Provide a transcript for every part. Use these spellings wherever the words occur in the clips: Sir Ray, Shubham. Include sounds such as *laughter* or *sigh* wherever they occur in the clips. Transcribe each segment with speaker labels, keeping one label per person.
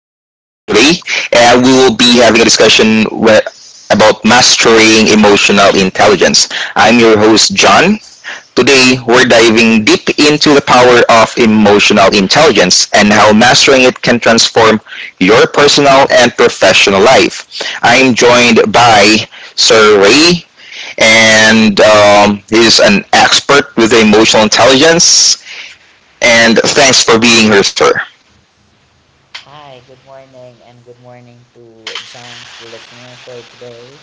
Speaker 1: podcast for today, and we will be having a discussion with, about mastering emotional intelligence. I'm your host, John. Today, we're diving deep into the power of emotional intelligence and how mastering it can transform your personal and professional life. I'm joined by Sir Ray, and he's an expert with emotional intelligence. And thanks for being here, sir.
Speaker 2: Hi, good morning, and good morning to John's listener for today.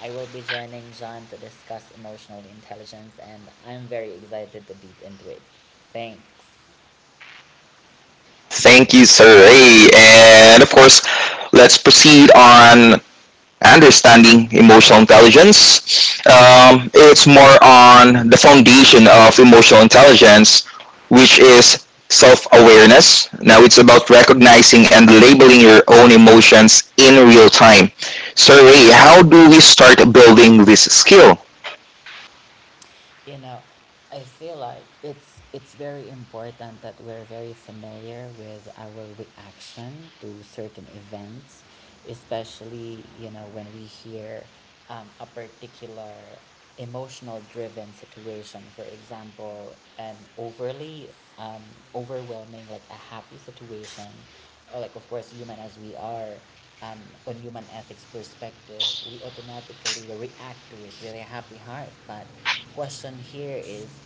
Speaker 2: I will be joining John to discuss emotional intelligence, and I'm very excited to deep into it. Thanks.
Speaker 1: Thank you, sir. Hey, and of course, let's proceed on understanding emotional intelligence. It's more on the foundation of emotional intelligence, which is self awareness. Now, it's about recognizing and labeling your own emotions in real time. So, Ray, how do we start building this skill?
Speaker 2: You know, I feel like it's very important that we're very familiar with our reaction to certain events, especially you know when we hear a particular emotional driven situation, for example an overly um, overwhelming, like a happy situation, or like, of course, human as we are, um, on human ethics perspective we automatically react to it with a happy heart. But question here is,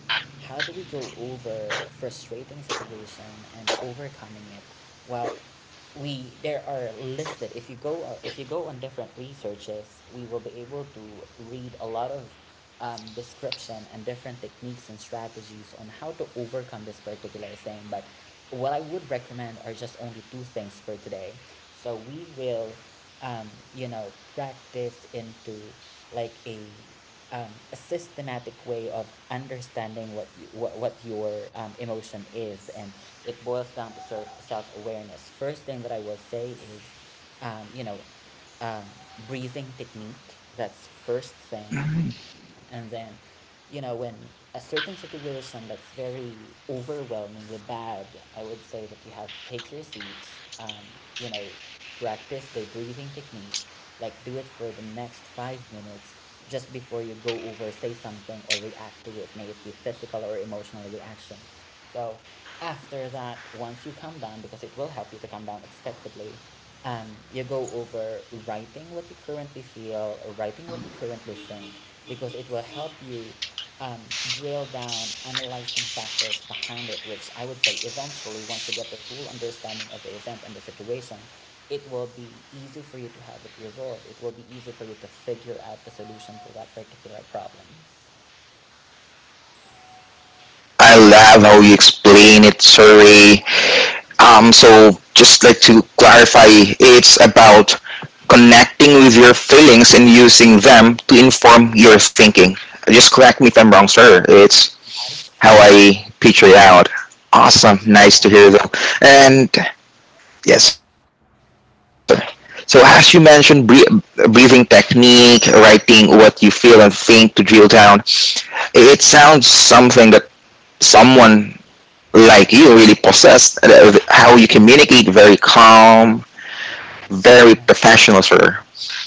Speaker 2: how do we go over frustrating situation and overcoming it? Well, we there are listed, if you go on different researches, we will be able to read a lot of description and different techniques and strategies on how to overcome this particular thing. But what I would recommend are just only two things for today. So we will, you know, practice into, like a systematic way of understanding what you, what, your emotion is. And it boils down to sort of self-awareness. First thing that I will say is, um, you know um, breathing technique, that's first thing. And then, you know, when a certain situation that's very overwhelmingly bad, I would say that you have to take your seat, um, you know, practice the breathing technique, like do it for the next 5 minutes just before you go over, say something, or react to it, may it be physical or emotional reaction. So after that, once you calm down, because it will help you to calm down expectedly, you go over writing what you currently feel, or writing what you currently think, because it will help you um, drill down analyzing factors behind it, which I would say eventually, once you get the full understanding of the event and the situation, it will be easy for you to have it resolved. It will be easy for you to figure out the solution to that particular problem.
Speaker 1: I love how you explain it, Sir Ray. So just like to clarify, it's about connecting with your feelings and using them to inform your thinking. Just correct me if I'm wrong, sir. It's
Speaker 2: That is
Speaker 1: how
Speaker 2: true.
Speaker 1: I picture it out. Awesome.
Speaker 2: Yep,
Speaker 1: Nice to
Speaker 2: that is
Speaker 1: hear
Speaker 2: true.
Speaker 1: though. And yes, sir. So as you mentioned, breathing technique, writing what you feel and think to drill down. It sounds something that someone like you really possess. How you communicate very calm, very
Speaker 2: Right.
Speaker 1: professional, sir.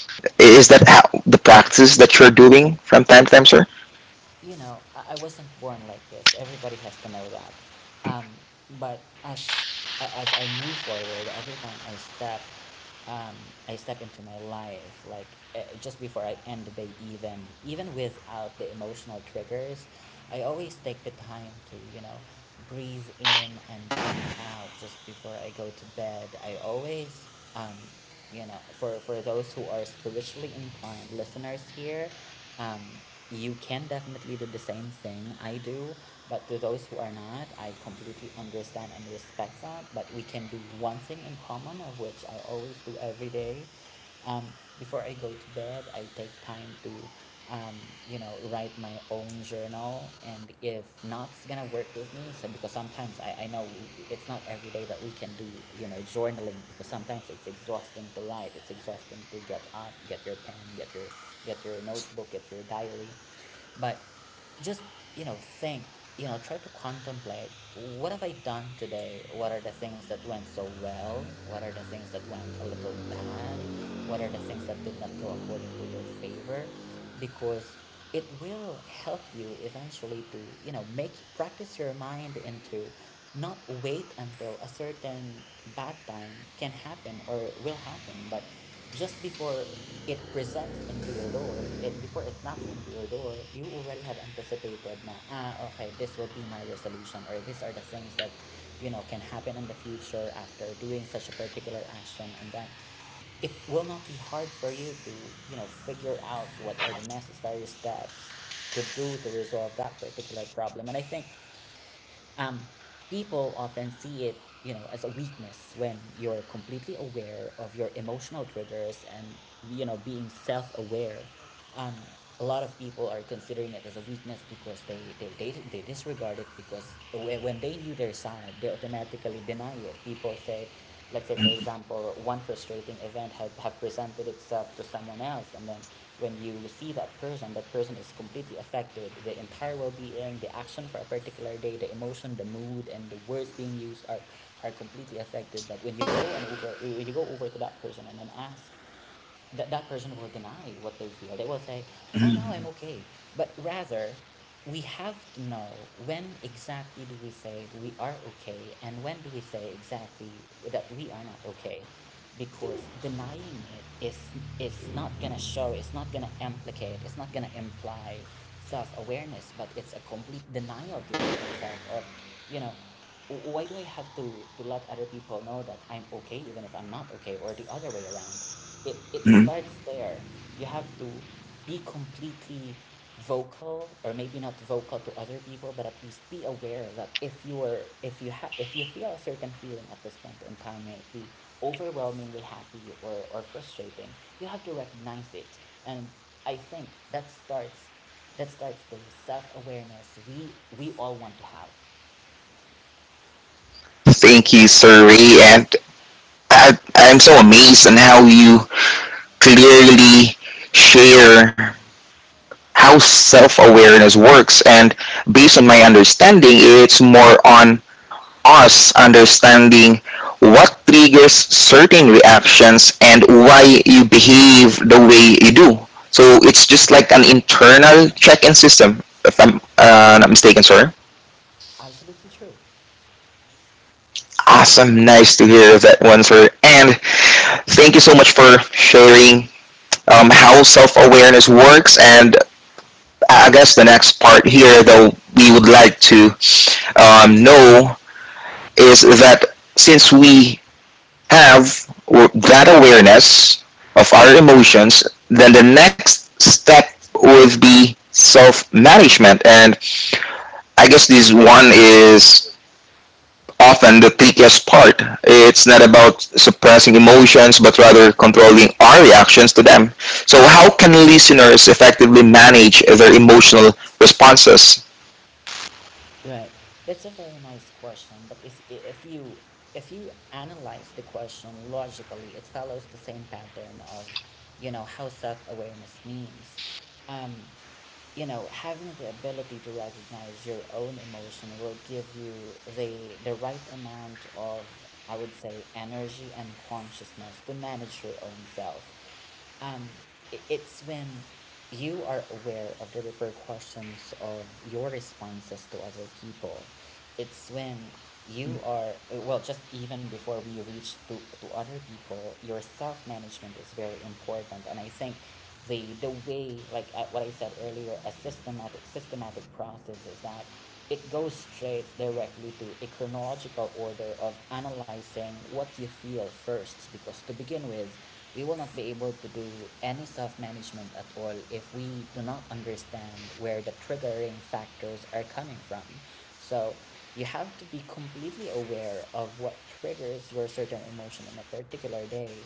Speaker 1: Is that how the practice that you're doing from time to time, sir?
Speaker 2: You know, I wasn't born like this. Everybody has to know that. Um, but as as I move forward, every time um, I step into my life, like, just before I end the day, even without the emotional triggers, I always take the time to, you know, breathe in and breathe out just before I go to bed. I always, um, you know, for those who are spiritually inclined listeners here, um, you can definitely do the same thing I do. But to those who are not, I completely understand and respect that. But we can do one thing in common, of which I always do every day. um, Before I go to bed, I take time to, um, you know, write my own journal. And if not, it's gonna work with me. So because sometimes I know it's not every day that we can do, you know, journaling, because sometimes it's exhausting to write. It's exhausting to get up, get your pen, get your notebook, get your diary. But just, you know, think, you know, try to contemplate, what have I done today? What are the things that went so well? What are the things that went a little bad? What are the things that did not go according to your favor? Because it will help you eventually to, you know, make practice your mind into not wait until a certain bad time can happen or will happen, but just before it presents into your door, and before it knocks into your door, you already have anticipated, na, ah, okay, this will be my resolution, or these are the things that, you know, can happen in the future after doing such a particular action. And then it will not be hard for you to, you know, figure out what are the necessary steps to do to resolve that particular problem. And I think, um, people often see it, you know, as a weakness when you're completely aware of your emotional triggers and, you know, being self-aware. um, a lot of people are considering it as a weakness, because they disregard it, because when they knew their side they automatically deny it. People say, let's say for example, one frustrating event have presented itself to someone else, and then when you see that person, that person is completely affected, the entire well-being, the action for a particular day, the emotion, the mood, and the words being used are completely affected. But when you go and over, when you go over to that person and then ask, that person will deny what they feel. They will say, "Oh no, I'm okay." But rather, we have to know when exactly do we say we are okay, and when do we say exactly that we are not okay. Because denying it is not going to show, it's not going to implicate, it's not going to imply self-awareness, but it's a complete denial to your own self of, you know, why do I have to let other people know that I'm okay even if I'm not okay, or the other way around? It
Speaker 1: Mhm.
Speaker 2: starts there. You have to be completely vocal, or maybe not vocal to other people, but at least be aware that if you are, if you have, if you feel a certain feeling at this point in time, may it be overwhelmingly happy, or frustrating, you have to recognize it. And I think that starts, the self-awareness we all want to have.
Speaker 1: Thank you, sir Ray, and I'm so amazed on how you clearly share how self-awareness works. And based on my understanding, it's more on us understanding what triggers certain reactions and why you behave the way you do. So it's just like an internal
Speaker 2: Alright.
Speaker 1: check-in system, if I'm not mistaken, sir.
Speaker 2: Absolutely true.
Speaker 1: Awesome, nice to hear that one, sir. And thank you so much for sharing how self-awareness works. And I guess the next part here, though, we would like to know is that since we have that awareness of our emotions, then the next step would be self management. And I guess this one is often the trickiest part. It's not about suppressing emotions, but rather controlling our reactions to them. So, how can listeners effectively manage their emotional responses?
Speaker 2: Right. That's a very nice question, but it's, if you, analyze the question logically, it follows the same pattern of, you know, how self awareness means. Um, you know, having the ability to recognize your own emotion will give you the right amount of, I would say, energy and consciousness to manage your own self. Um, it's when you are aware of the repercussions of your responses to other people. It's when you are, well, just even before we reach to other people, your self-management is very important. And I think the way, like I, what I said earlier, a systematic process, is that it goes straight directly to a chronological order of analyzing what you feel first, because to begin with, we will not be able to do any self-management at all if we do not understand where the triggering factors are coming from. So you have to be completely aware of what triggers your certain emotion in a particular day.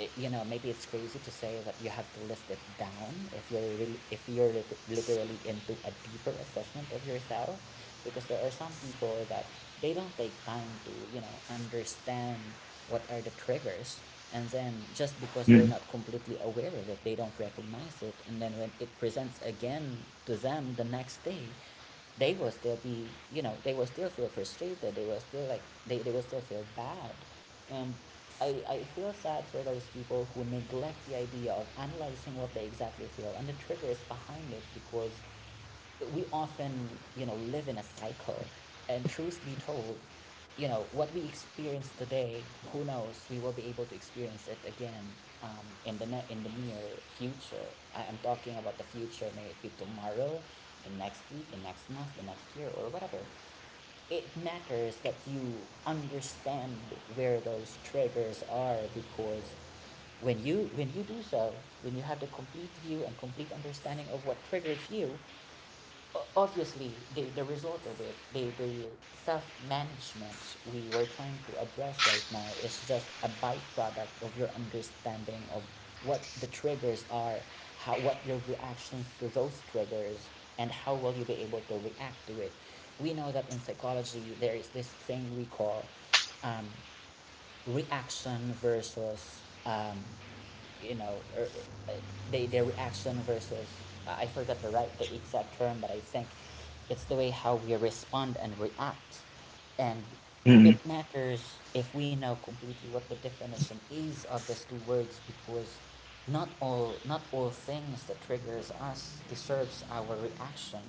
Speaker 2: You know, maybe it's crazy to say that you have to list it down, if you're really, if you're literally into a deeper assessment of yourself. Because there are some people that they don't take time to, you know, understand what are the triggers. And then just because they're not completely aware of it, they don't recognize it. And then when it presents again to them the next day, they will still be, you know, they will still feel frustrated. They will still like, they will still feel bad. Um, I feel sad for those people who neglect the idea of analyzing what they exactly feel and the triggers behind it, because we often, you know, live in a cycle. And truth be told, you know, what we experience today, who knows, we will be able to experience it again, in the in the near future. I'm talking about the future, may it be tomorrow, the next week, the next month, the next year, or whatever. It matters that you understand where those triggers are. Because when you, do so, when you have the complete view and complete understanding of what triggers you, obviously the result of it, the self-management we were trying to address right now is just a byproduct of your understanding of what the triggers are, how, what your reactions to those triggers, and how will you be able to react to it. We know that in psychology there is this thing we call, um, reaction versus, um, you know, er, they, their reaction versus, I forgot the right, the exact term, but I think it's the way how we respond and react. And it
Speaker 1: Mm.
Speaker 2: matters if we know completely what the definition is of these two words because not all things that triggers us deserves our reaction.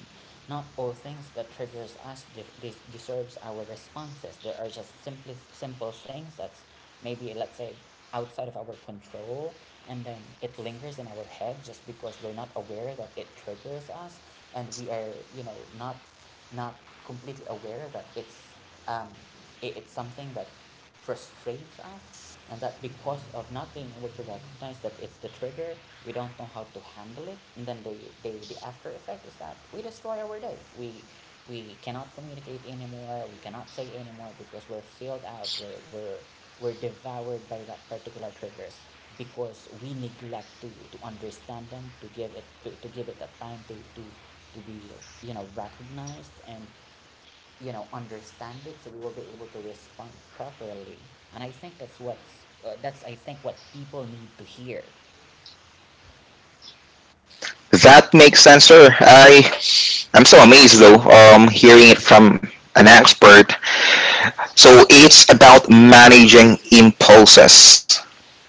Speaker 2: Not all things that triggers us deserves our responses. There are just simply simple things that's, maybe, let's say, outside of our control, and then it lingers in our head just because we're not aware that it triggers us, and we are not completely aware that it's, um it's something that frustrates us. And that, because of not being able to recognize that it's the trigger, we don't know how to handle it, and then the after effect is that we destroy our day. We cannot communicate anymore, we cannot say anymore because we're filled out, we're devoured by that particular triggers, because we neglect to understand them, to give it the time to be recognized and understand it, so we will be able to respond properly. And I think that's what's, that's, I think, what people need to hear.
Speaker 1: That makes sense, sir. I'm so amazed though, hearing it from an expert. So it's about managing impulses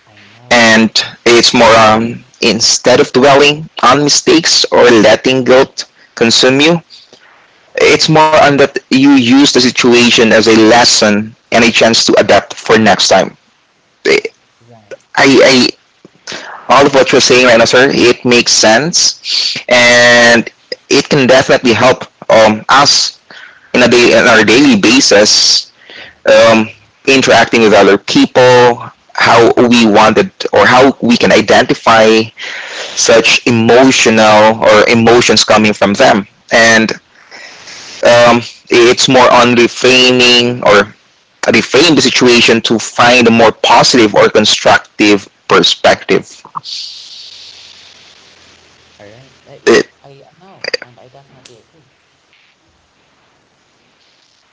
Speaker 2: I know.
Speaker 1: and
Speaker 2: Yeah.
Speaker 1: it's more instead of dwelling on mistakes or letting guilt consume you, it's more on that you use the situation as a lesson and a chance to adapt for next time. Eh,
Speaker 2: Right.
Speaker 1: I all of what you're saying right now, sir, it makes sense, and it can definitely help us in a day, on our daily basis um, interacting with other people, how we wanted or how we can identify such emotional or emotions coming from them. And um, it's more on reframing or reframe the situation to find a more positive or constructive perspective.
Speaker 2: All right, yep,
Speaker 1: It,
Speaker 2: I know and I definitely agree.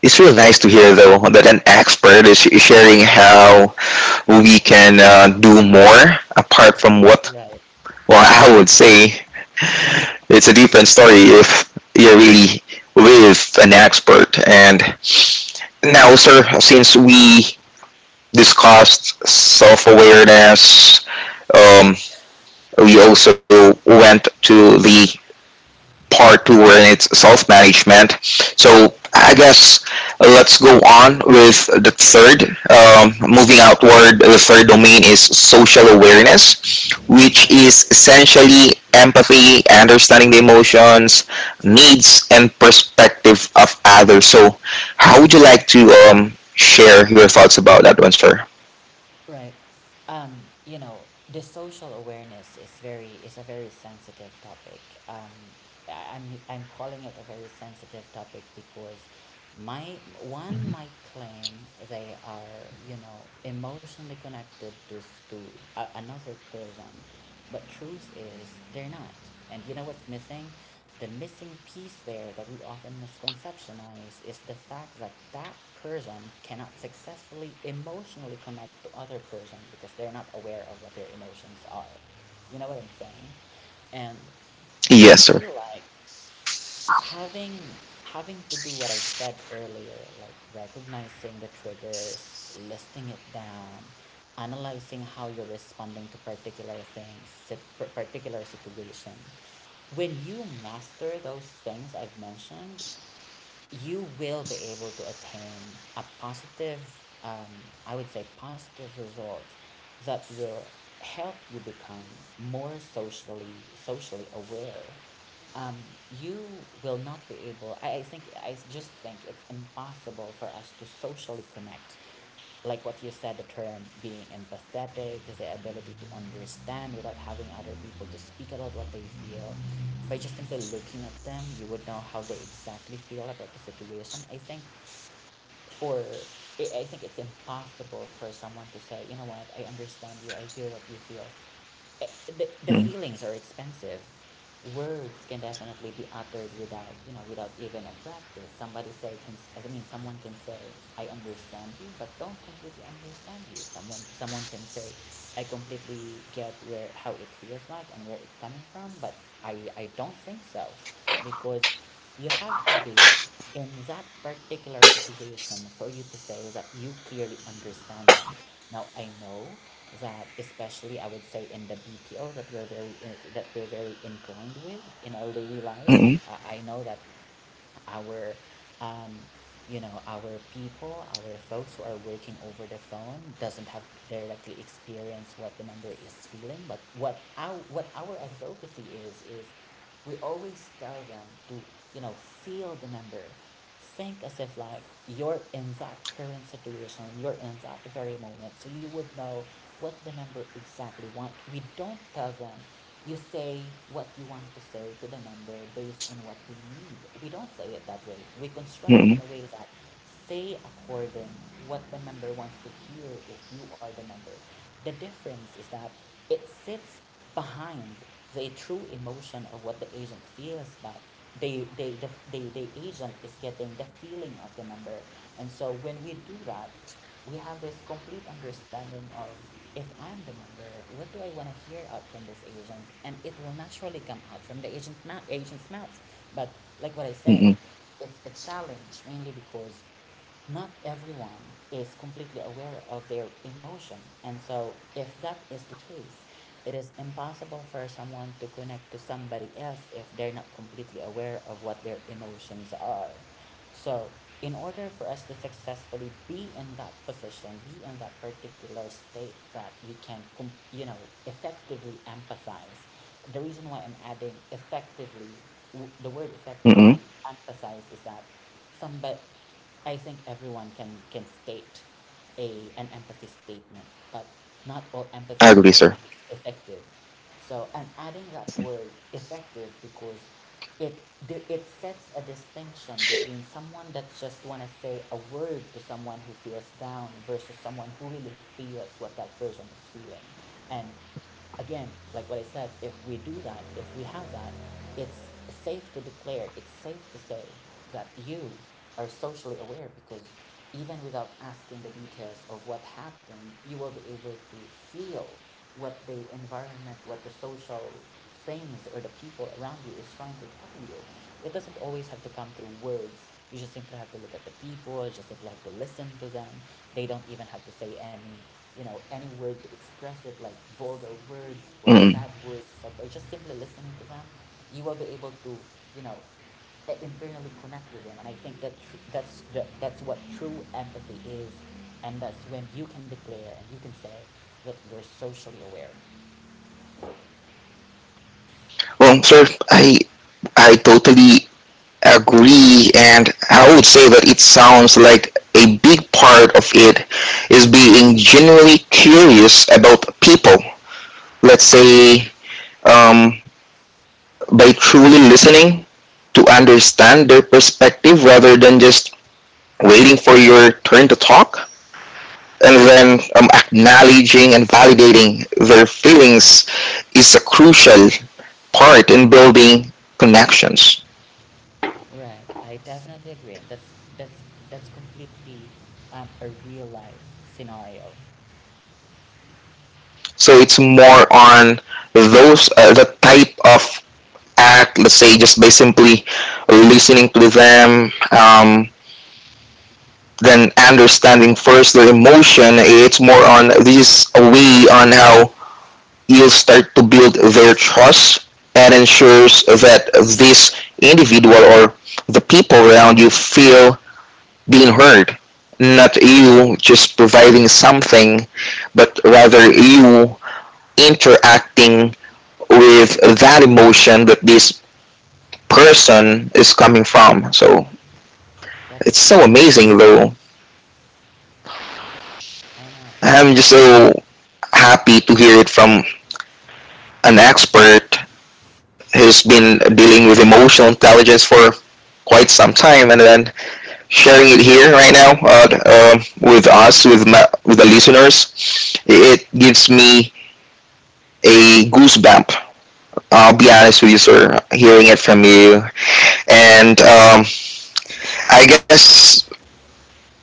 Speaker 1: it's really nice to hear though that an expert is sharing how we can do more apart from what
Speaker 2: Right,
Speaker 1: well I would say it's a different story if you're really with an expert. And now, sir, since we discussed self awareness, um, we also went to the part two and it's self-management, so I guess let's go on with the third. Moving outward, the third domain is social awareness, which is
Speaker 2: right,
Speaker 1: essentially empathy, understanding the emotions, needs and perspective of others. So how would you
Speaker 2: right.
Speaker 1: like to share your thoughts about that one, sir?
Speaker 2: Right. Um, you know, the social awareness is a very sensitive topic. Um, I'm calling it a very sensitive topic because my one might claim they are emotionally connected to to another person, but truth is they're not. And you know what's missing, the missing piece there that we often misconceptionize, is the fact that that person cannot successfully emotionally connect to other person because they're not aware of what their emotions are. You know what I'm saying? And I
Speaker 1: Yes, sir.
Speaker 2: feel like having having to do what I said earlier, like recognizing the triggers, listing it down, analyzing how you're responding to particular things, particular situation. When you master those things I've mentioned, you will be able to attain a positive, I would say, positive result that will help you become more socially aware. Um, you will not be able. I just think it's impossible for us to socially connect, like what you said. The term being empathetic is the ability to understand without having other people to speak about what they feel. By just simply looking at them, you would know how they exactly feel about the situation. I think, for it's impossible for someone to say, "You know what, I understand you, I feel what you feel." The
Speaker 1: Mm,
Speaker 2: feelings are expensive. Words can definitely be uttered without without even a practice. Somebody say can I mean someone can say, "I understand you," but don't completely understand you. Someone can say, "I completely get where how it feels like and where it's coming from," but I don't think so, because you have to be in that particular situation for you to say that you clearly understand them. Now I know that, especially I would say in the BPO that we're very inclined with in our daily lives.
Speaker 1: mm,
Speaker 2: I know that our um, you know our people our folks who are working over the phone doesn't have to directly experience what the member is feeling, but what our advocacy is, we always tell them to feel the member, think as if, like, you're in that current situation, you're in that very moment, so you would know what the member exactly want. We don't tell them, "You say what you want to say to the member based on what they need." We don't say it that way. We construct
Speaker 1: mm,
Speaker 2: it in
Speaker 1: mm,
Speaker 2: a way that, say, according what the member wants to hear if you are the member. The difference is that it sits behind the true emotion of what the agent feels, but the agent is getting the feeling of the member. And so when we do that, we have this complete understanding of, if I'm the member, what do I want to hear out from this agent, and it will naturally come out from the agent's mouth. But like what I
Speaker 1: mm,
Speaker 2: said,
Speaker 1: mm,
Speaker 2: it's a challenge mainly because not everyone is completely aware of their emotion. And so, if that is the case, it is impossible for someone to connect to somebody else if they're not completely aware of what their emotions are. So, in order for us to successfully be in that position, be in that particular state that we can, effectively empathize — the reason why I'm adding effectively, the word effectively
Speaker 1: mm.
Speaker 2: empathize, is that somebody I think everyone can state a an empathy statement, but not all
Speaker 1: I
Speaker 2: empathy
Speaker 1: agree, sir.
Speaker 2: statement is effective. So I'm adding that word effective because it it sets a distinction between someone that just want to say a word to someone who feels down versus someone who really feels what that person is feeling. And again, like what I said, if we do that, if we have that, it's safe to declare, it's safe to say, that you are socially aware, because even without asking the details of what happened, you will be able to feel what the environment, what the social things or the people around you is trying to tell you. It doesn't always have to come through words. You just simply have to look at the people, you just simply have to listen to them. They don't even have to say any you know any word to express it, like vulgar words or
Speaker 1: Mm.
Speaker 2: sad words, but by just simply listening to them, you will be able to, you know internally connect with them. And I think that's what true empathy is, and that's when you can declare and you can say that you're socially aware.
Speaker 1: Well, sir, I I totally agree, and I would say that it sounds like a big part of it is being genuinely curious about people, let's
Speaker 2: Right.
Speaker 1: say, um, by truly listening to understand their perspective rather than just waiting for your turn to talk, and
Speaker 2: I
Speaker 1: then
Speaker 2: know.
Speaker 1: acknowledging and validating their feelings is a crucial part in building connections.
Speaker 2: Right, I definitely agree, and that's completely, a real life scenario.
Speaker 1: So it's more on those the type of act. Let's say just by simply listening to them, then understanding first the emotion. It's more on this is a way on how you'll start to build their trust and ensures that this individual or the people around you feel being heard, not
Speaker 2: Right.
Speaker 1: you just providing something, but rather you interacting with that emotion that this person is coming from. So
Speaker 2: That
Speaker 1: it's
Speaker 2: is
Speaker 1: so
Speaker 2: true.
Speaker 1: amazing though.
Speaker 2: I know.
Speaker 1: I'm just so happy to hear it from an expert who's been dealing with emotional intelligence for quite some time and then sharing it here right now with us, with my, with the listeners. It gives me a goosebump. I'll be honest with you, sir, hearing it from you. And I guess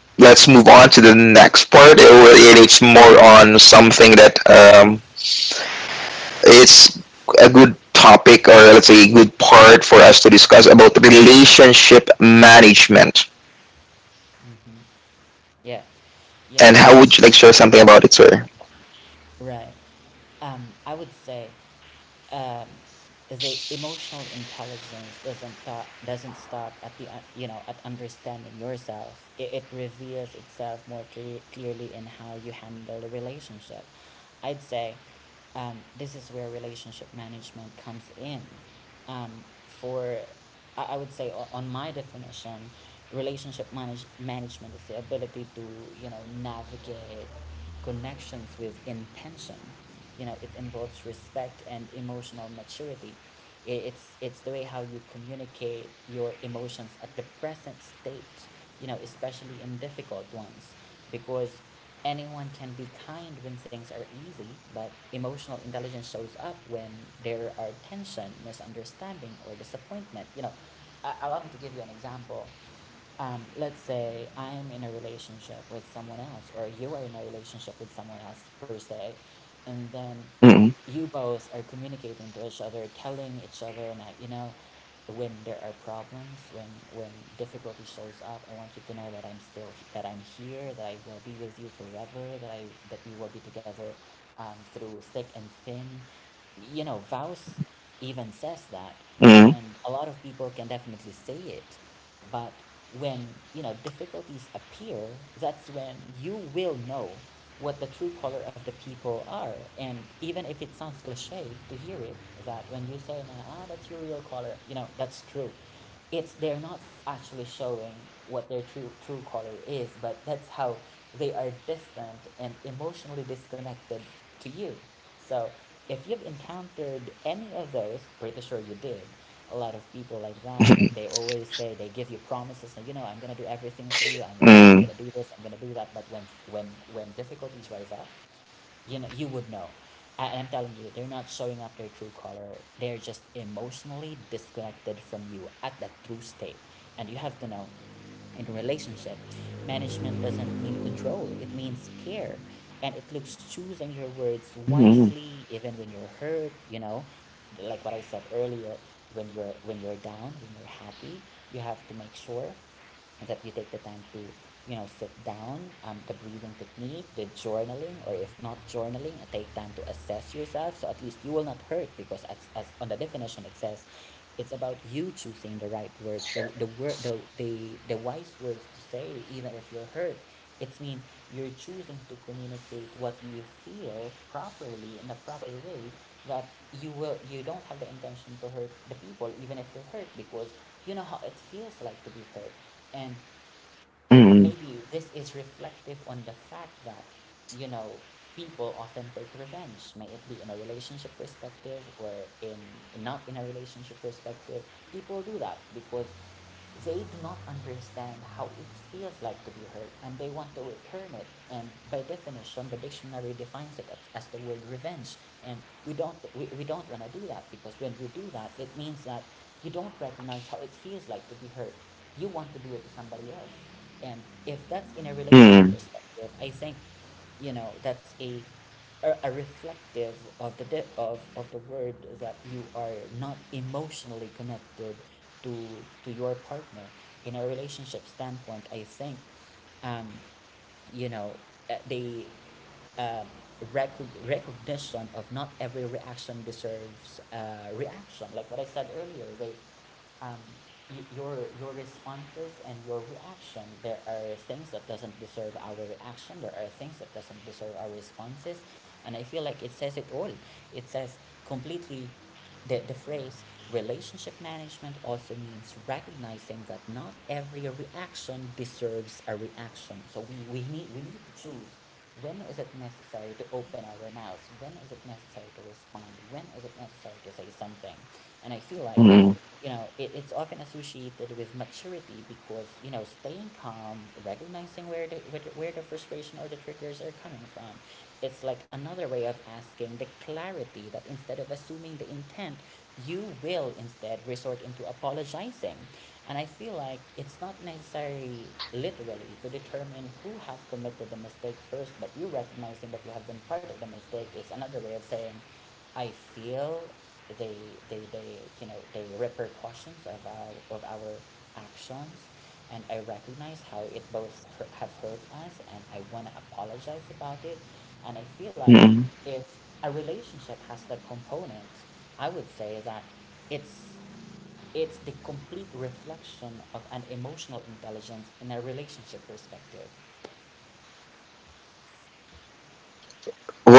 Speaker 1: let's move on to the next part. And it's more
Speaker 2: Yes.
Speaker 1: on
Speaker 2: Sure.
Speaker 1: something that it's a good topic, or let's say a good part for us to discuss about relationship management.
Speaker 2: Mm-hmm. Yeah, you
Speaker 1: And
Speaker 2: know
Speaker 1: how would you like share something about it, sir?
Speaker 2: right, I would say, um, is a emotional intelligence doesn't stop at the you know at understanding yourself. It reveals itself more clearly in how you handle a relationship. I'd say, this is where relationship management comes in. For I would say, on my definition, relationship management is the ability to, navigate connections with intention. It involves respect and emotional maturity. It's the way how you communicate your emotions at the present state, especially in difficult ones, because anyone can be kind when things are easy, but emotional intelligence shows up when there are tension, misunderstanding, or disappointment. Allow me to give you an example. Let's say I am in a relationship with someone else, or you are in a relationship with someone else per se, and then
Speaker 1: Mm,
Speaker 2: you both are communicating to each other, telling each other, and, when there are problems, when difficulty shows up, I want you to know that I'm here, that I will be with you forever, that I that we will be together, through thick and thin. Vows even says that,
Speaker 1: mm,
Speaker 2: and a lot of people can definitely say it, but when, difficulties appear, that's when you will know what the true color of the people are. And even if it sounds cliche to hear it, that when you say, "Nah, ah, that's your real color," that's true. It's, they're not actually showing what their true color is, but that's how they are distant and emotionally disconnected to you. So if you've encountered any of those, pretty sure you did. A lot of people like that, like
Speaker 1: mm,
Speaker 2: they always say, they give you promises, and, "I'm gonna do everything for you. I'm gonna
Speaker 1: mm,
Speaker 2: do this. I'm gonna do that." But when difficulties rise up, you would know, and I'm telling you, they're not showing up their true color, they're just emotionally disconnected from you at that true state. And you have to know, in a relationship, management doesn't mean control, it means care. And it looks choosing your words
Speaker 1: mm,
Speaker 2: wisely even when you're hurt. Like what I said earlier, when you're down, when you're happy, you have to make sure that you take the time to, sit down. The breathing technique, the journaling, or if not journaling, take time to assess yourself, so at least you will not hurt, because, as on the definition it says, it's about you choosing the right words, the wise words to say even if you're hurt. It's mean you're choosing to communicate what you feel properly in a proper way, that you don't have the intention to hurt the people even if you're hurt, because you know how it feels like to be hurt. And,
Speaker 1: mm,
Speaker 2: maybe this is reflective on the fact that, you know, people often take revenge, may it be in a relationship perspective or in not in a relationship perspective. People do that because they do not understand how it feels like to be hurt, and they want to return it, and by definition the dictionary defines it as the word revenge. And we don't want to do that, because when we do that, it means that you don't recognize how it feels like to be hurt, you want to do it to somebody else. And if that's in a relationship
Speaker 1: mm,
Speaker 2: perspective, I think you know that's a a reflective of the of the word that you are not emotionally connected to your partner. In a relationship standpoint, I think um you know they, um uh, rec recognition of not every reaction deserves reaction. Like what I said earlier, they, um, your responses and your reaction, there are things that doesn't deserve our reaction, there are things that doesn't deserve our responses. And I feel like it says it all. It says completely the phrase, relationship management also means recognizing that not every reaction deserves a reaction. So we need to choose when is it necessary to open our mouths, when is it necessary to respond, when is it necessary to say something. And I feel like,
Speaker 1: mm,
Speaker 2: you know, it's often associated with maturity, because, you know, staying calm, recognizing where the where the frustration or the triggers are coming from, it's like another way of asking the clarity, that instead of assuming the intent, you will instead resort into apologizing. And I feel like it's not necessary literally to determine who have committed the mistake first, but you recognizing that you have been part of the mistake is another way of saying, I feel, they, they you know, the repercussions of our actions, and I recognize how it both hurt, have hurt us, and I want to apologize about it. And I feel like
Speaker 1: mm.
Speaker 2: if a relationship has that component, I would say that it's it's the complete reflection of an emotional intelligence in a relationship perspective.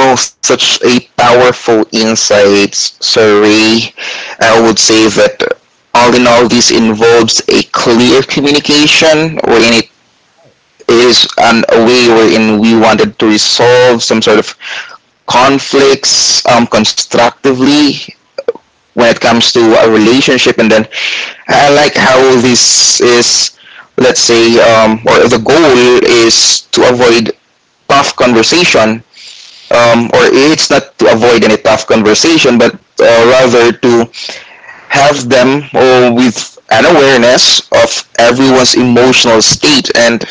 Speaker 1: Well, such a powerful insights, Sir Ray. I would say that all in all, this involves a clear communication wherein it
Speaker 2: Right,
Speaker 1: is an, a way wherein we wanted to resolve some sort of conflicts constructively when it comes to a relationship. And then I like how this is, let's say, or the goal is to avoid tough conversation, or it's not to avoid any tough conversation, but rather to have them with an awareness of everyone's
Speaker 2: right,
Speaker 1: emotional state, and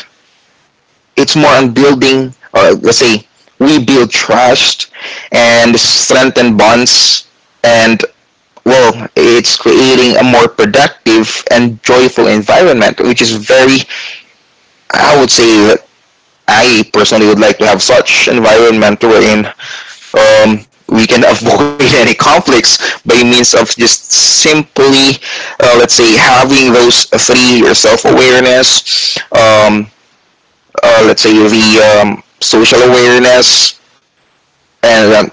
Speaker 1: it's more on building, or let's say, we build trust and strengthen bonds, and well, it's creating a more productive and joyful environment, which is very, I would say, that I personally would like to have such environment wherein we can *laughs* avoid any conflicts by means of just simply, let's say, having those three, your self awareness, let's say the social awareness, and um,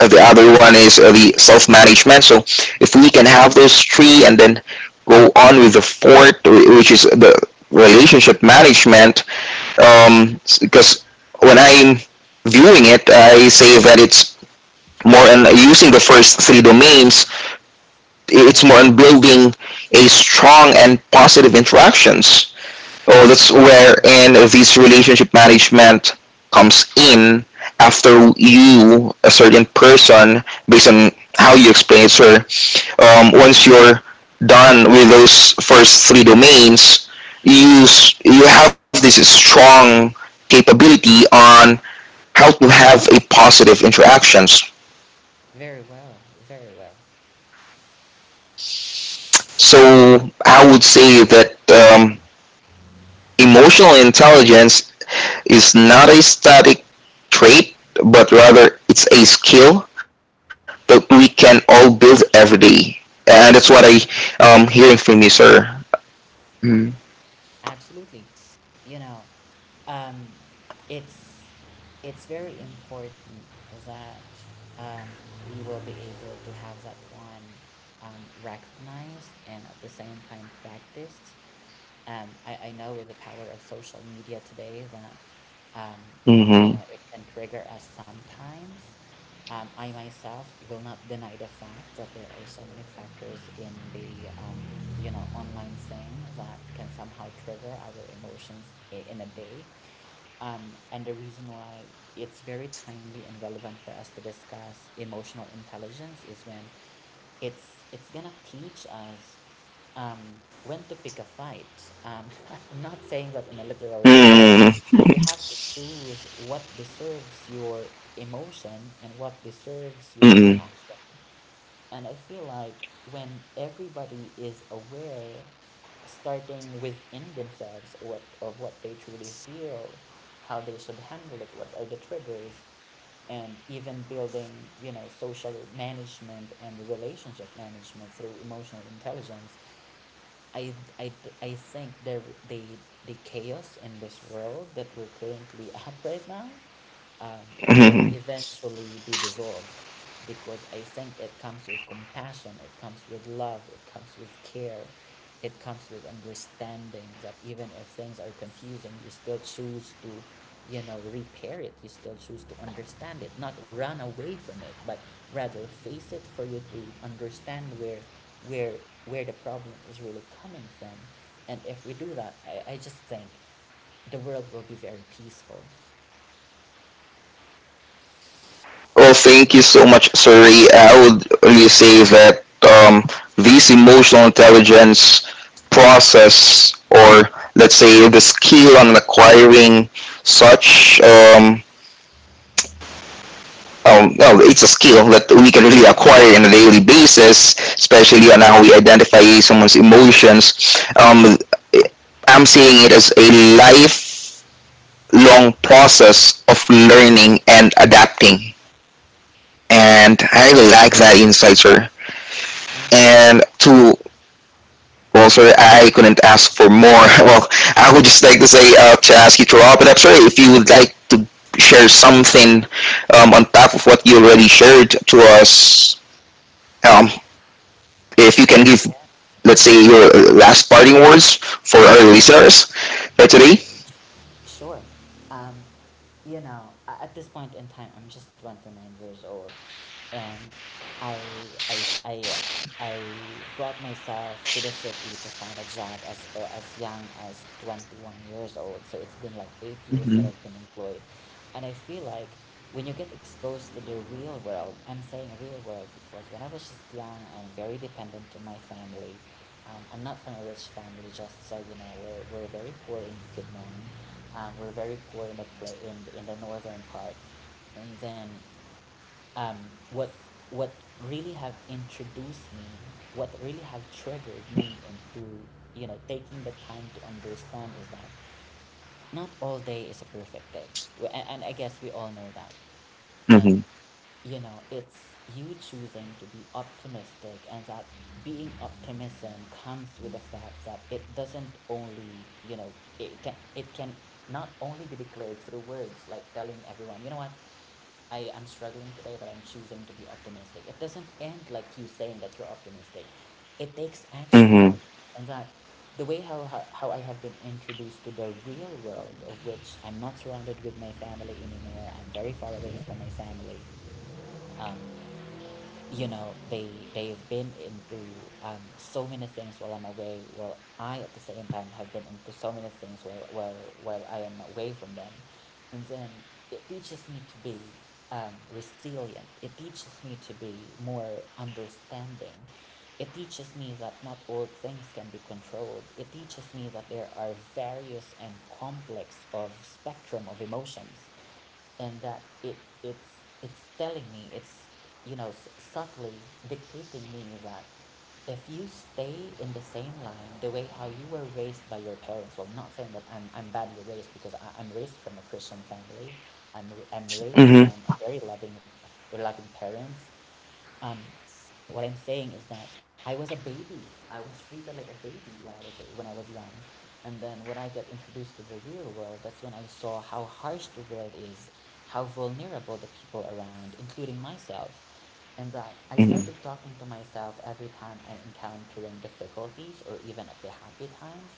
Speaker 1: uh, the other one is the self-management. So if we can have those three and then go on with the fourth, which is the relationship management. Because when I'm viewing it, I say that it's more on using the first three domains. It's
Speaker 2: right,
Speaker 1: more on building a strong and positive interactions. Oh, that's
Speaker 2: right.
Speaker 1: wherein this relationship management comes in after you, a certain person, based on how you explain it, sir. Once you're done with those first three domains, you have this strong capability on how to have a positive interactions.
Speaker 2: Very well, very well.
Speaker 1: So I would say that emotional intelligence is not a static trait, but rather it's a skill that we can all build every day. And that's what I
Speaker 2: I know,
Speaker 1: hearing from you, sir.
Speaker 2: absolutely. You know, um, it's it's very important that, um, we will be able to have that one, recognized and at the same time practiced. I know with the power of social media today that, um, you
Speaker 1: Mm-hmm.
Speaker 2: know, it can trigger us sometimes. I myself will not deny the fact that there are so many factors in the, you know, online thing that can somehow trigger our emotions in a day. Um, and the reason why it's very timely and relevant for us to discuss emotional intelligence is when it's gonna teach us, when to pick a fight. *laughs* I'm not saying that in a literal way, but
Speaker 1: Mm-hmm.
Speaker 2: you have to choose what deserves your emotion and what deserves your
Speaker 1: Mm-hmm.
Speaker 2: reaction. And I feel like when everybody is aware, starting within themselves, what of what they truly feel, how they should handle it, what are the triggers, and even building, you know, social management and relationship management through emotional intelligence, I, I, I think the the chaos in this world that we're currently *laughs* at right now, will
Speaker 1: Mm-hmm.
Speaker 2: eventually be dissolved, because I think it comes with compassion, it comes with love, it comes with care, it comes with understanding, that even if things are confusing, you still choose to, you know, repair it, you still choose to understand it, not run away from it, but rather face it for you to understand where where the problem is really coming from. And if we do that, I just think the world will be very peaceful.
Speaker 1: Well, thank you so much, sir. I would only say that this emotional intelligence process, or let's say the skill on acquiring such well, it's a skill that we can really acquire on a daily basis, especially on how we identify someone's emotions. I'm seeing it as a lifelong process of
Speaker 2: Yeah,
Speaker 1: learning and adapting. And I
Speaker 2: right.
Speaker 1: really like that insight, sir.
Speaker 2: I know.
Speaker 1: And to well, sir, I couldn't ask for more. *laughs* Well, I would just like to say, to ask you to wrap it up, sir, if you would like to share something on top of what you already shared to us, um, if you can give
Speaker 2: Yeah.
Speaker 1: let's say your last parting words for our listeners for today?
Speaker 2: Sure. Um, you know, at this point in time, I'm just 29 years old, and I, I, s- I, I brought myself to the city to find a job as young as 21 years old. So it's been like 8 years
Speaker 1: Mm-hmm.
Speaker 2: that I've been employed, and I feel like when you get exposed to the real world, I'm saying real world because when I was just young, I'm very dependent on my family. I'm not from a rich family, just so you know. We're very poor in Bukidnon. We're very poor in the play in the northern part, and then, um, what what really have introduced me, what really have triggered me into, you know, taking the time to understand is that not all day is a perfect day. And I guess we all know that.
Speaker 1: Mm-hmm.
Speaker 2: And, you know, it's you choosing to be optimistic, and that being optimism comes with the fact that it doesn't only, you know, it can not only be declared through words, like telling everyone, you know what, I'm struggling today, but I'm choosing to be optimistic. It doesn't end like you saying that you're optimistic. It takes action.
Speaker 1: Mm-hmm.
Speaker 2: And that the way how I have been introduced to the real world, of which I'm not surrounded with my family anymore, I'm very far away from my family. Um, you know, they they've been into, so many things while I'm away, while I at the same time have been into so many things while I am away from them, and then it teaches me to be, resilient, it teaches me to be more understanding, it teaches me that not all things can be controlled, it teaches me that there are various and complex of spectrum of emotions, and that it's telling me, it's you know, subtly dictating me, that if you stay in the same line the way how you were raised by your parents — well, not saying that I'm badly raised, because I'm raised from a Christian family, I'm raised from a
Speaker 1: Mm-hmm.
Speaker 2: very loving parents, um, what I'm saying is that I was a baby. I was treated like a baby when I was young, and then when I got introduced to the real world, that's when I saw how harsh the world is, how vulnerable the people around, including myself, and that I
Speaker 1: Mm-hmm.
Speaker 2: started talking to myself every time I'm encountering difficulties or even at the happy times.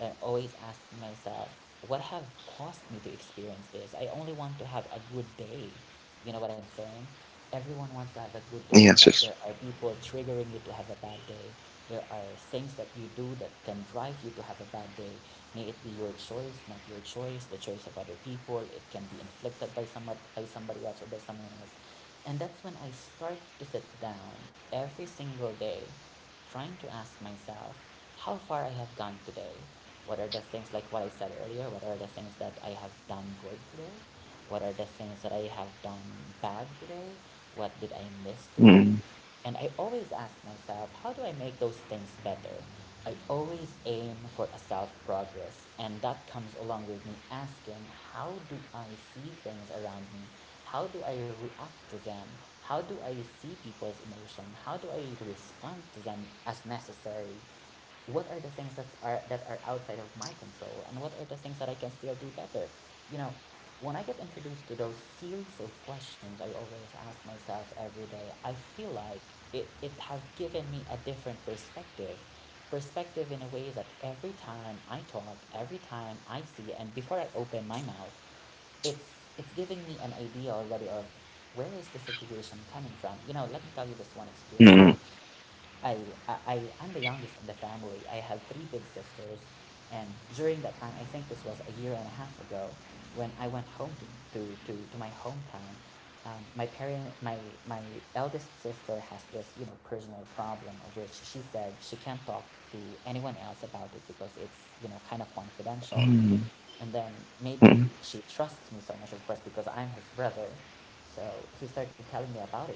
Speaker 2: I'm always asking myself, what have caused me to experience this? I only want to have a good day. You know what I'm saying? Everyone wants to have a good day,
Speaker 1: Yes,
Speaker 2: but
Speaker 1: yes.
Speaker 2: there are people triggering you to have a bad day. There are things that you do that can drive you to have a bad day. May it be your choice, not your choice, the choice of other people. It can be inflicted by somebody else, or by someone else. And that's when I start to sit down every single day, trying to ask myself how far I have gone today. What are the things, like what I said earlier, what are the things that I have done good today? What are the things that I have done bad today? What did I miss
Speaker 1: Mm-hmm.
Speaker 2: today? And I always ask myself, how do I make those things better? I always aim for a self progress, and that comes along with me asking, how do I see things around me? How do I react to them? How do I see people's emotion? How do I respond to them as necessary? What are the things that are outside of my control, and what are the things that I can still do better? You know, when I get introduced to those series of questions I always ask myself every day, I feel like it has given me a different perspective. Perspective in a way that every time I talk, every time I see, and before I open my mouth, it's it's giving me an idea already of where is the situation coming from. You know, let me tell you this one experience. I, am the youngest in the family. I had three big sisters. And during that time, I think this was a year and a half ago, when I went home to my hometown, um, my parent, my, my eldest sister has this, you know, personal problem, of which she said she can't talk to anyone else about it because it's, you know, kind of confidential.
Speaker 1: Mm-hmm.
Speaker 2: And then
Speaker 1: Mm-hmm.
Speaker 2: maybe she trusts me so much, of course, because I'm his brother. So he started telling me about it.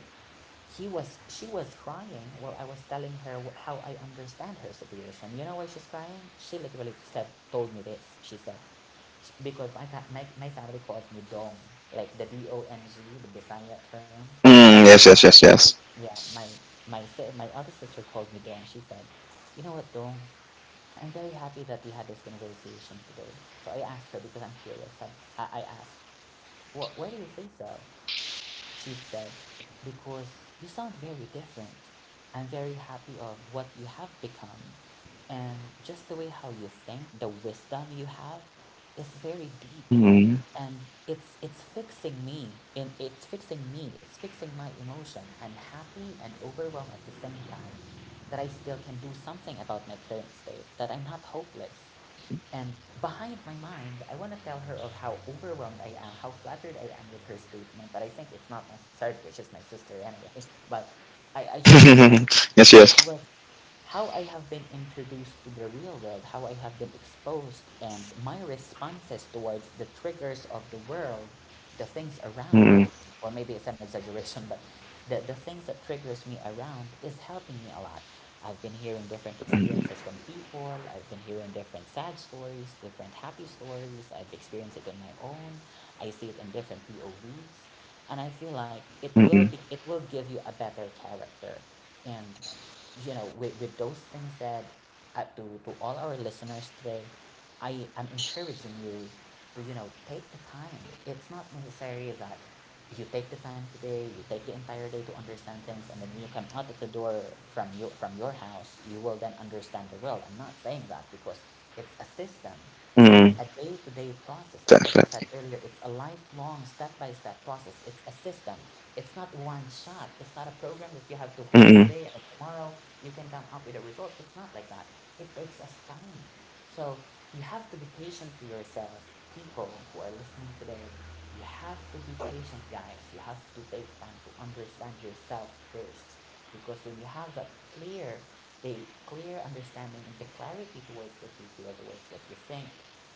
Speaker 2: He was She was crying while I was telling her how I understand her situation. You know why she's crying? She literally said told me this. She said, because my my family calls me Dong, like the Dong, the Bisaya term.
Speaker 1: Mm, yes,
Speaker 2: Uh,
Speaker 1: yes, yes, yes.
Speaker 2: Yeah, my my other sister called me Dong. She said, "You know what, Dong? I'm very happy that we had this conversation today." So I asked her because I'm curious. I asked, "Why do you say so?" She said, because you sound very different. I'm very happy of what you have become, and just the way how you think, the wisdom you have is very deep,
Speaker 1: Mm-hmm.
Speaker 2: and it's fixing me, it's fixing my emotion. I'm happy and overwhelmed at the same time that I still can do something about my current state, that I'm not hopeless. And behind my mind, I want to tell her of how overwhelmed I am, how flattered I am with her statement, but I think it's not necessary, which is my sister anyway. *laughs* But I just
Speaker 1: *laughs*
Speaker 2: feel like
Speaker 1: Yes, yes.
Speaker 2: it was how I have been introduced to the real world, how I have been exposed, and my responses towards the triggers of the world, the things
Speaker 1: Mm-hmm.
Speaker 2: around, or maybe it's an exaggeration, but the things that triggers me around is helping me a lot. I've been hearing different experiences from people, I've been hearing different sad stories, different happy stories, I've experienced it on my own, I see it in different POVs, and I feel like
Speaker 1: Mm-hmm.
Speaker 2: it will give you a better character. And, you know, with those things said, to all our listeners today, I am encouraging you to, you know, take the time. It's not necessary that you take the time today, you take the entire day to understand things, and then when you come out of the door from your house, you will then understand the world. I'm not saying that, because it's a system, it's
Speaker 1: Mm-hmm.
Speaker 2: a day-to-day process, like what you said
Speaker 1: Definitely.
Speaker 2: earlier, it's a lifelong step-by-step process, it's a system, it's not one shot, it's not a program that you have to hold
Speaker 1: Mm-hmm.
Speaker 2: today and tomorrow you can come up with a result. It's not like that. It takes us time. So you have to be patient to yourself, people who are listening today. You have to be patient, guys. You have to take time to understand yourself first. Because when you have that clear, a clear understanding and the clarity towards what you feel, towards what you think,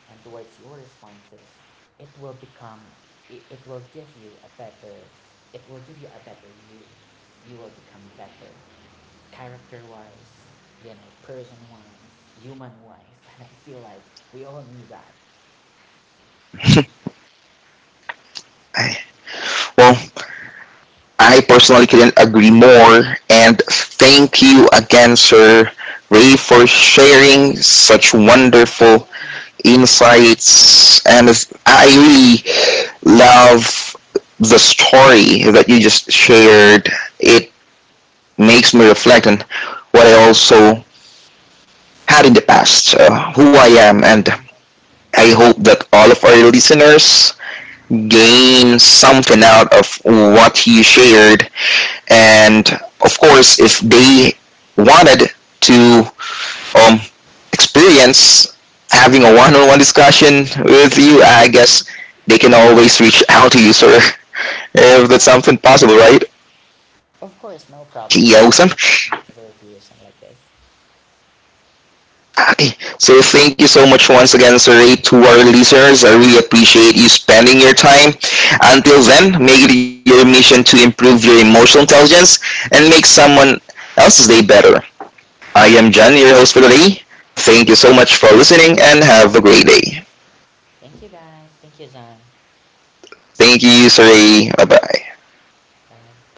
Speaker 2: and towards your responses, it will become, it, it will give you a better, it will give you a better you. You will become better character wise, you know, person wise, human wise. *laughs* And I feel like we all need that.
Speaker 1: Well, I personally couldn't agree more, and thank you again, sir Ray, for sharing such
Speaker 2: No
Speaker 1: wonderful
Speaker 2: problem.
Speaker 1: insights, and I really love the story that you just shared. It makes me reflect on what I also had in the past, who I am, and
Speaker 2: Yeah.
Speaker 1: I hope that all of our listeners
Speaker 2: Yeah.
Speaker 1: gain something out of what you shared. And of course, if they wanted to um experience having a one-on-one discussion with you, I guess they can always reach out to you, sir. *laughs*
Speaker 2: No
Speaker 1: If that's
Speaker 2: problem.
Speaker 1: something possible, right?
Speaker 2: Of course, no problem. I
Speaker 1: Yeah, awesome.
Speaker 2: always welcome a conversation like this.
Speaker 1: Okay, so thank you so much once again, sir, Ray, to our listeners. I really appreciate you spending your time. Until then, make it your mission to improve your emotional intelligence and make someone else's day better. I am John, your host for today. Thank you so much for listening and have a great day.
Speaker 2: Thank you guys. Thank you, John.
Speaker 1: Thank you, sir. Ray. Bye-bye.
Speaker 2: Bye.